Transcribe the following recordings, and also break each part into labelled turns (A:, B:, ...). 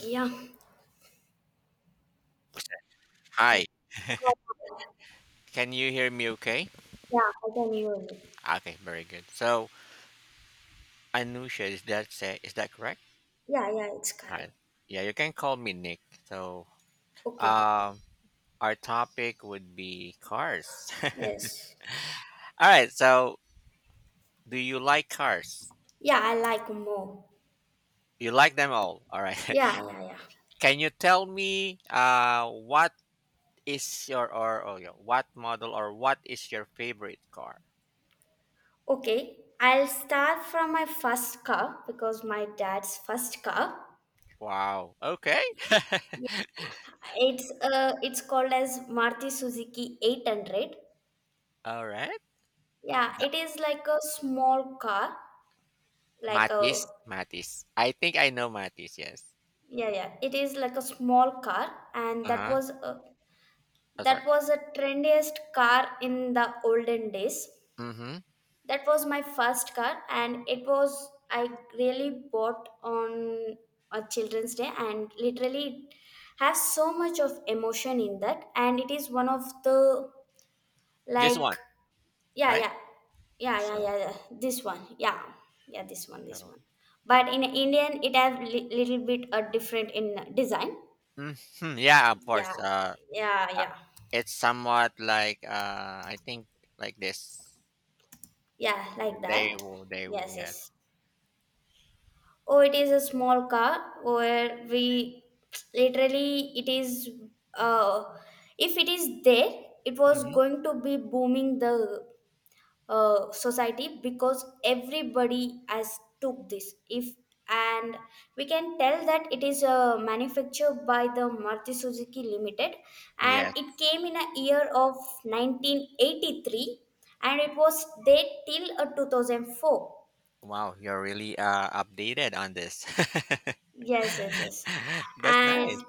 A: Yeah.
B: Hi, can you hear me okay?
A: Yeah, I can hear you.
B: Okay, very good. So, Anusha, is that correct?
A: Yeah, yeah, it's correct.
B: Hi. Yeah, you can call me Nick. So,
A: Okay.
B: um, our topic would be cars. All
A: Yes.
B: right, so do you like cars?
A: Yeah, I like more.
B: You like them all. All right.
A: Yeah, yeah, yeah.
B: Can you tell me what is your or oh yeah, what model or what is your favorite car?
A: Okay. I'll start from my first car, because my dad's first car.
B: Wow. Okay.
A: Yeah. It's called as Maruti Suzuki 800.
B: All right.
A: Yeah, it is like a small car, like a
B: Matis. I think I know Matis, yes.
A: yeah, yeah. It is like a small car, and that
B: Uh-huh.
A: was uh,
B: Oh, sorry.
A: That was the trendiest car in the olden days.
B: Mhm.
A: That was my first car, and it was I really bought on a Children's Day, and literally it has so much of emotion in that, and it is one of the,
B: This
A: like,
B: one,
A: yeah,
B: right?
A: yeah, yeah, yeah,
B: So
A: yeah, yeah. This one, yeah, yeah, this one, this
B: so,
A: one. But in Indian, it have little bit a different in design.
B: mhm, yeah, of
A: Yeah,
B: course,
A: yeah,
B: uh,
A: yeah,
B: it's somewhat like, I think like this.
A: yeah, like
B: They
A: that.
B: will they will,
A: Yes,
B: yes.
A: yes. Oh, it is a small car where we, literally it is uh if it is there, it was
B: Mhm.
A: going to be booming the society, because everybody has took this. If And we can tell that it is manufactured by the Maruti Suzuki Limited, and
B: Yes.
A: it came in a year of 1983, and it was there till 2004.
B: Wow, you're really, updated on this.
A: Yes, yes, yes.
B: That's nice.
A: And,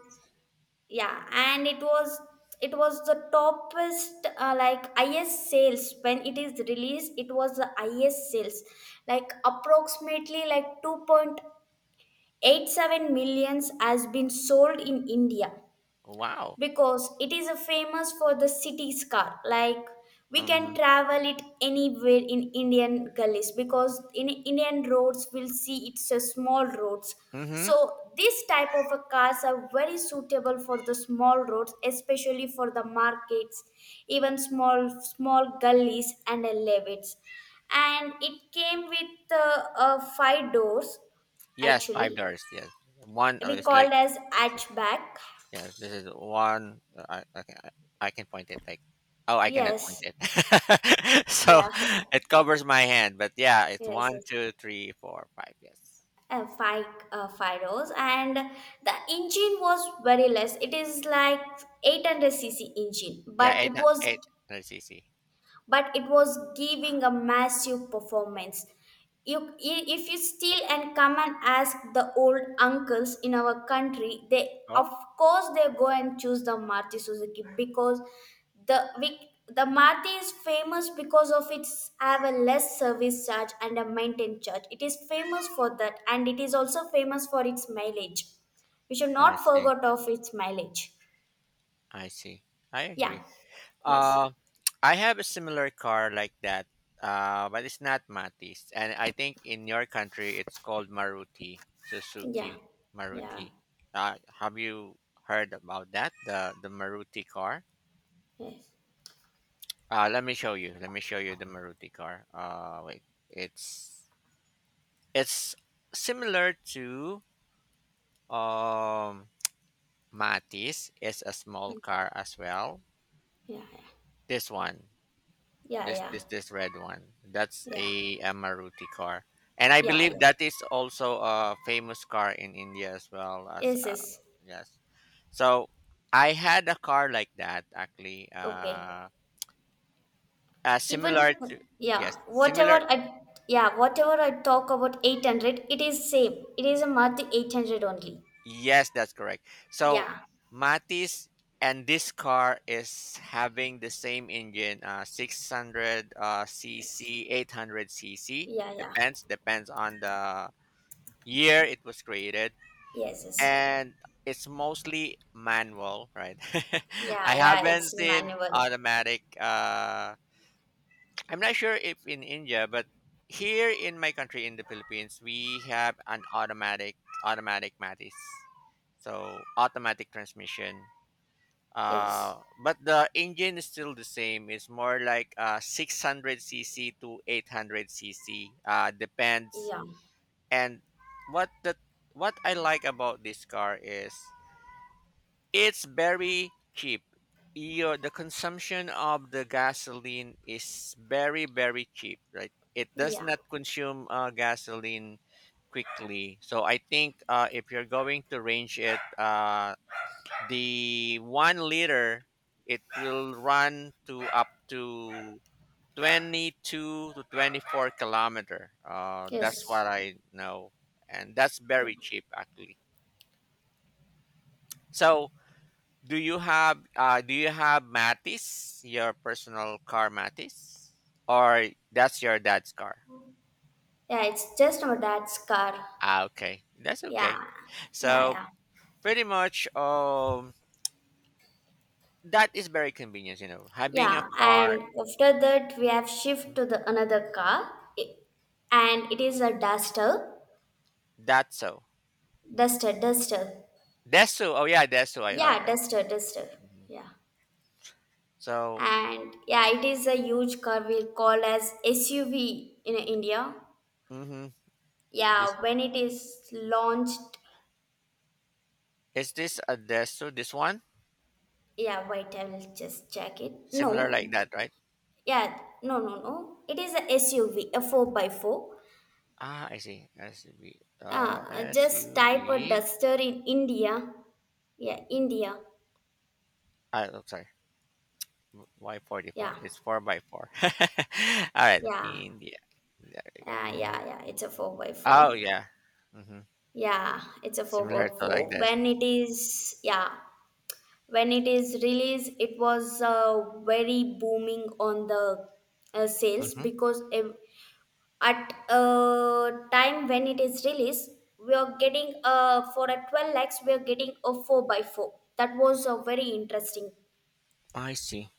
A: yeah, and it was the toppest, like, highest sales. When it is released, it was the highest sales, like approximately like 2.87 millions has been sold in India,
B: Wow.
A: because it is a famous for the city car. Like, we can
B: Mhm.
A: travel it anywhere in Indian gullies, because in Indian roads, we'll see it's a small roads.
B: Mhm.
A: So this type of a cars are very suitable for the small roads, especially for the markets, even small small gullies, and levels. And it came with five doors.
B: Yes,
A: Actually,
B: 5 doors, yes. One, oh,
A: we
B: it's
A: called
B: like.
A: as hatchback.
B: Yes, this is one. I can point it like. Oh, I cannot point
A: Yes,
B: it. So
A: yeah, yeah.
B: it covers my hand, but yeah, it's
A: Yes,
B: one,
A: yes.
B: two, three, four, five. Yes.
A: Five, Firos, and the engine was very less. It is like 800 cc engine,
B: Yeah,
A: but
B: eight,
A: it
B: hu-
A: was
B: eight hundred cc.
A: but it was giving a massive performance. You, if you steal and come and ask the old uncles in our country, they,
B: Oh,
A: of course, they go and choose the Maruti Suzuki, because the Maruti is famous because of its have a less service charge and a maintenance charge. It is famous for that, and it is also famous for its mileage. We should
B: I
A: not
B: see.
A: forget of its mileage.
B: I see. I
A: Yeah.
B: agree.
A: Yes.
B: Uh, I have a similar car like that, but it's not Matis, and I think in your country it's called Maruti
A: Yeah.
B: Suzuki
A: Yeah.
B: Maruti. Have you heard about that? The Maruti car?
A: Yes.
B: Let me show you. Let me show you the Maruti car. Wait. It's it's similar to um Matis. It's a small car as well.
A: Yeah, yeah,
B: This one,
A: yeah,
B: this
A: yeah,
B: this this red one. That's
A: yeah,
B: a Maruti car, and I
A: yeah. Yeah.
B: believe that is also a famous car in India as well as
A: Yes, yes.
B: yes. So I had a car like that actually.
A: Okay. Even,
B: Similar to, yes,
A: yeah,
B: similar.
A: whatever I talk about 800, it is same. It is a Maruti 800 only.
B: Yes, that's correct. So
A: Yeah.
B: Mati's and this car is having the same engine, 600
A: Yes.
B: cc, 800 cc.
A: Yeah, yeah.
B: Depends on the year it was created,
A: Yes, yes.
B: and it's mostly manual, right? I
A: Yeah, yeah.
B: haven't
A: It's
B: seen
A: manual.
B: automatic I'm not sure if in India, but here in my country in the Philippines, we have an automatic Matis. So automatic transmission.
A: Yes.
B: Uh, but the engine is still the same. It's more like 600 cc to 800 cc. Depends.
A: Yeah.
B: And what the what I like about this car is it's very cheap. Your the consumption of the gasoline is very very cheap, right? It does
A: Yeah.
B: not consume gasoline quickly. So I think if you're going to range it, the 1 liter it will run to up to 22 to 24 kilometer. That's
A: Yes.
B: what I know, and that's
A: Yeah.
B: very cheap actually. So, do you have Matis, your personal car Matis? Or that's your dad's car?
A: Yeah. It's just my dad's car.
B: Ah, okay. That's okay.
A: Yeah. Yeah.
B: So
A: Yeah.
B: pretty much that is very convenient. Having a
A: Yeah,
B: car
A: and after that, we have shift to the another car, i- and it is a duster,
B: that's so.
A: duster, duster.
B: Desu. Oh yeah, Desu.
A: Yeah,
B: I
A: duster, duster.
B: mhm.
A: Yeah,
B: So,
A: and, yeah, it is a huge car we call as SUV in India.
B: mm-hmm. this
A: Yeah, when it is launched,
B: is this a Desu, this one?
A: yeah, wait, I will just check it.
B: Similar like
A: No,
B: that, right?
A: yeah, no, no, no. It is a SUV, a four by four.
B: Ah, I see. SUV.
A: Just type a
B: SUV.
A: duster in India. Yeah, India.
B: Ah, oh, sorry. Why 44?
A: Yeah.
B: It's 4 by 4. All right.
A: Yeah,
B: India. There you go.
A: yeah, yeah, yeah. It's a four by
B: Oh,
A: four.
B: yeah. hmm
A: Yeah, it's a four
B: Similar
A: by
B: to like
A: four.
B: this.
A: When it is released, it was very booming on the sales,
B: hmm
A: because at time when it is released, we are getting for a 12 lakhs, we are getting a four by four. That was a very interesting,
B: I see.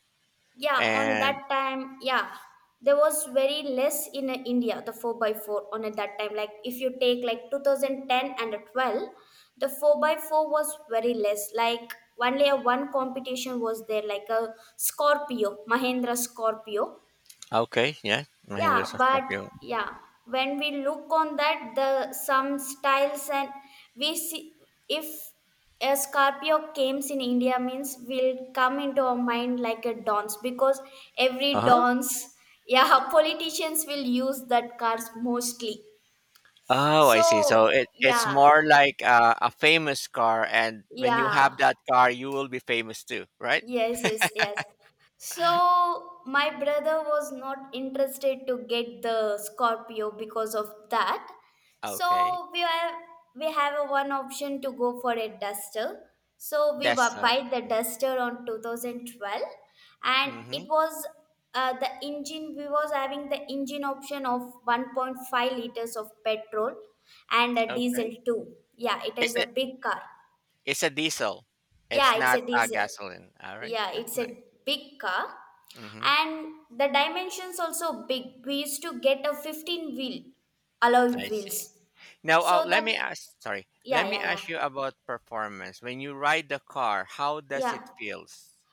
A: yeah, on
B: And
A: that time, yeah. There was very less in India the 4 by 4 on at that time, like if you take like 2010 and 12, the 4 by 4 was very less, like only a one competition was there, like a Scorpio, Mahindra Scorpio.
B: okay, yeah. Mahindra
A: Yeah, but,
B: Scorpio.
A: yeah, when we look on that, the some styles, and we see, if a Scorpio comes in India means, will come into our mind like a dance, because every
B: Uh-huh.
A: dance, yeah, politicians will use that cars mostly.
B: Oh, I see. So
A: So,
B: it's
A: yeah,
B: more like a famous car, and when you have
A: yeah.
B: that car, you will be famous too, right?
A: Yes, yes, yes. So my brother was not interested to get the Scorpio because of that.
B: Okay.
A: So we have a one option to go for a Duster. So we
B: That's so.
A: buy the Duster on 2012, and
B: Mm-hmm.
A: it was the engine. We was having the engine option of 1.5 liters of petrol and a
B: Okay.
A: diesel too. Yeah, it
B: It's
A: is a
B: a,
A: big car.
B: it's a diesel. It's
A: Yeah, it's
B: not
A: a
B: a
A: diesel.
B: gasoline. All right.
A: Yeah,
B: That's
A: it's
B: nice.
A: a big car.
B: Mm-hmm.
A: And the dimensions also big. We used to get a 15-wheel alloy
B: I
A: wheels.
B: see. Now,
A: So the
B: let me ask. Sorry, let
A: Yeah,
B: me
A: yeah, yeah.
B: ask you about performance. When you ride the car, how does
A: Yeah.
B: it feels?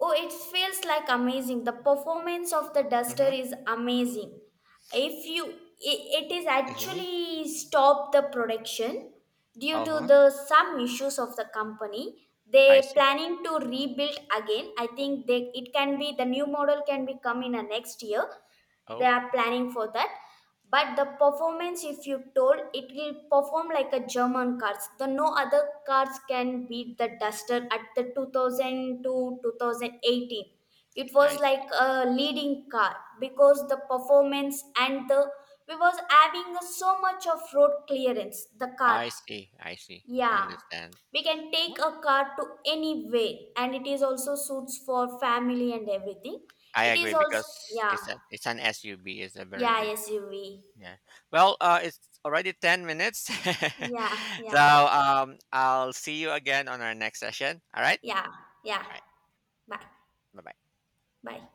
A: Oh, it feels like amazing. The performance of the duster
B: Mm-hmm.
A: is amazing. If you I- It is
B: Mm-hmm.
A: actually stopped the production due
B: Uh
A: to
B: huh.
A: the some issues of the company.
B: I
A: They
B: see.
A: planning to rebuild again. I think they, it can be the new model can be come in a next year. They
B: Oh,
A: are planning for that, but the performance, if you told, it will perform like a German cars. The no other cars can beat the duster at the 2000 to 2018. It
B: I
A: was like
B: see.
A: a leading car, because the performance, and the we was having so much of road clearance the car.
B: I see. I see.
A: Yeah,
B: Understand.
A: we can take a car to anywhere, and it is also suits for family and everything.
B: I
A: It is
B: agree
A: also,
B: because
A: yeah,
B: it's an SUV. It's a very
A: yeah,
B: big.
A: SUV.
B: Yeah. Well, it's already 10 minutes,
A: Yeah,
B: so
A: yeah,
B: I'll see you again on our next session. All right.
A: yeah, yeah.
B: All right.
A: Bye,
B: Bye bye.
A: bye.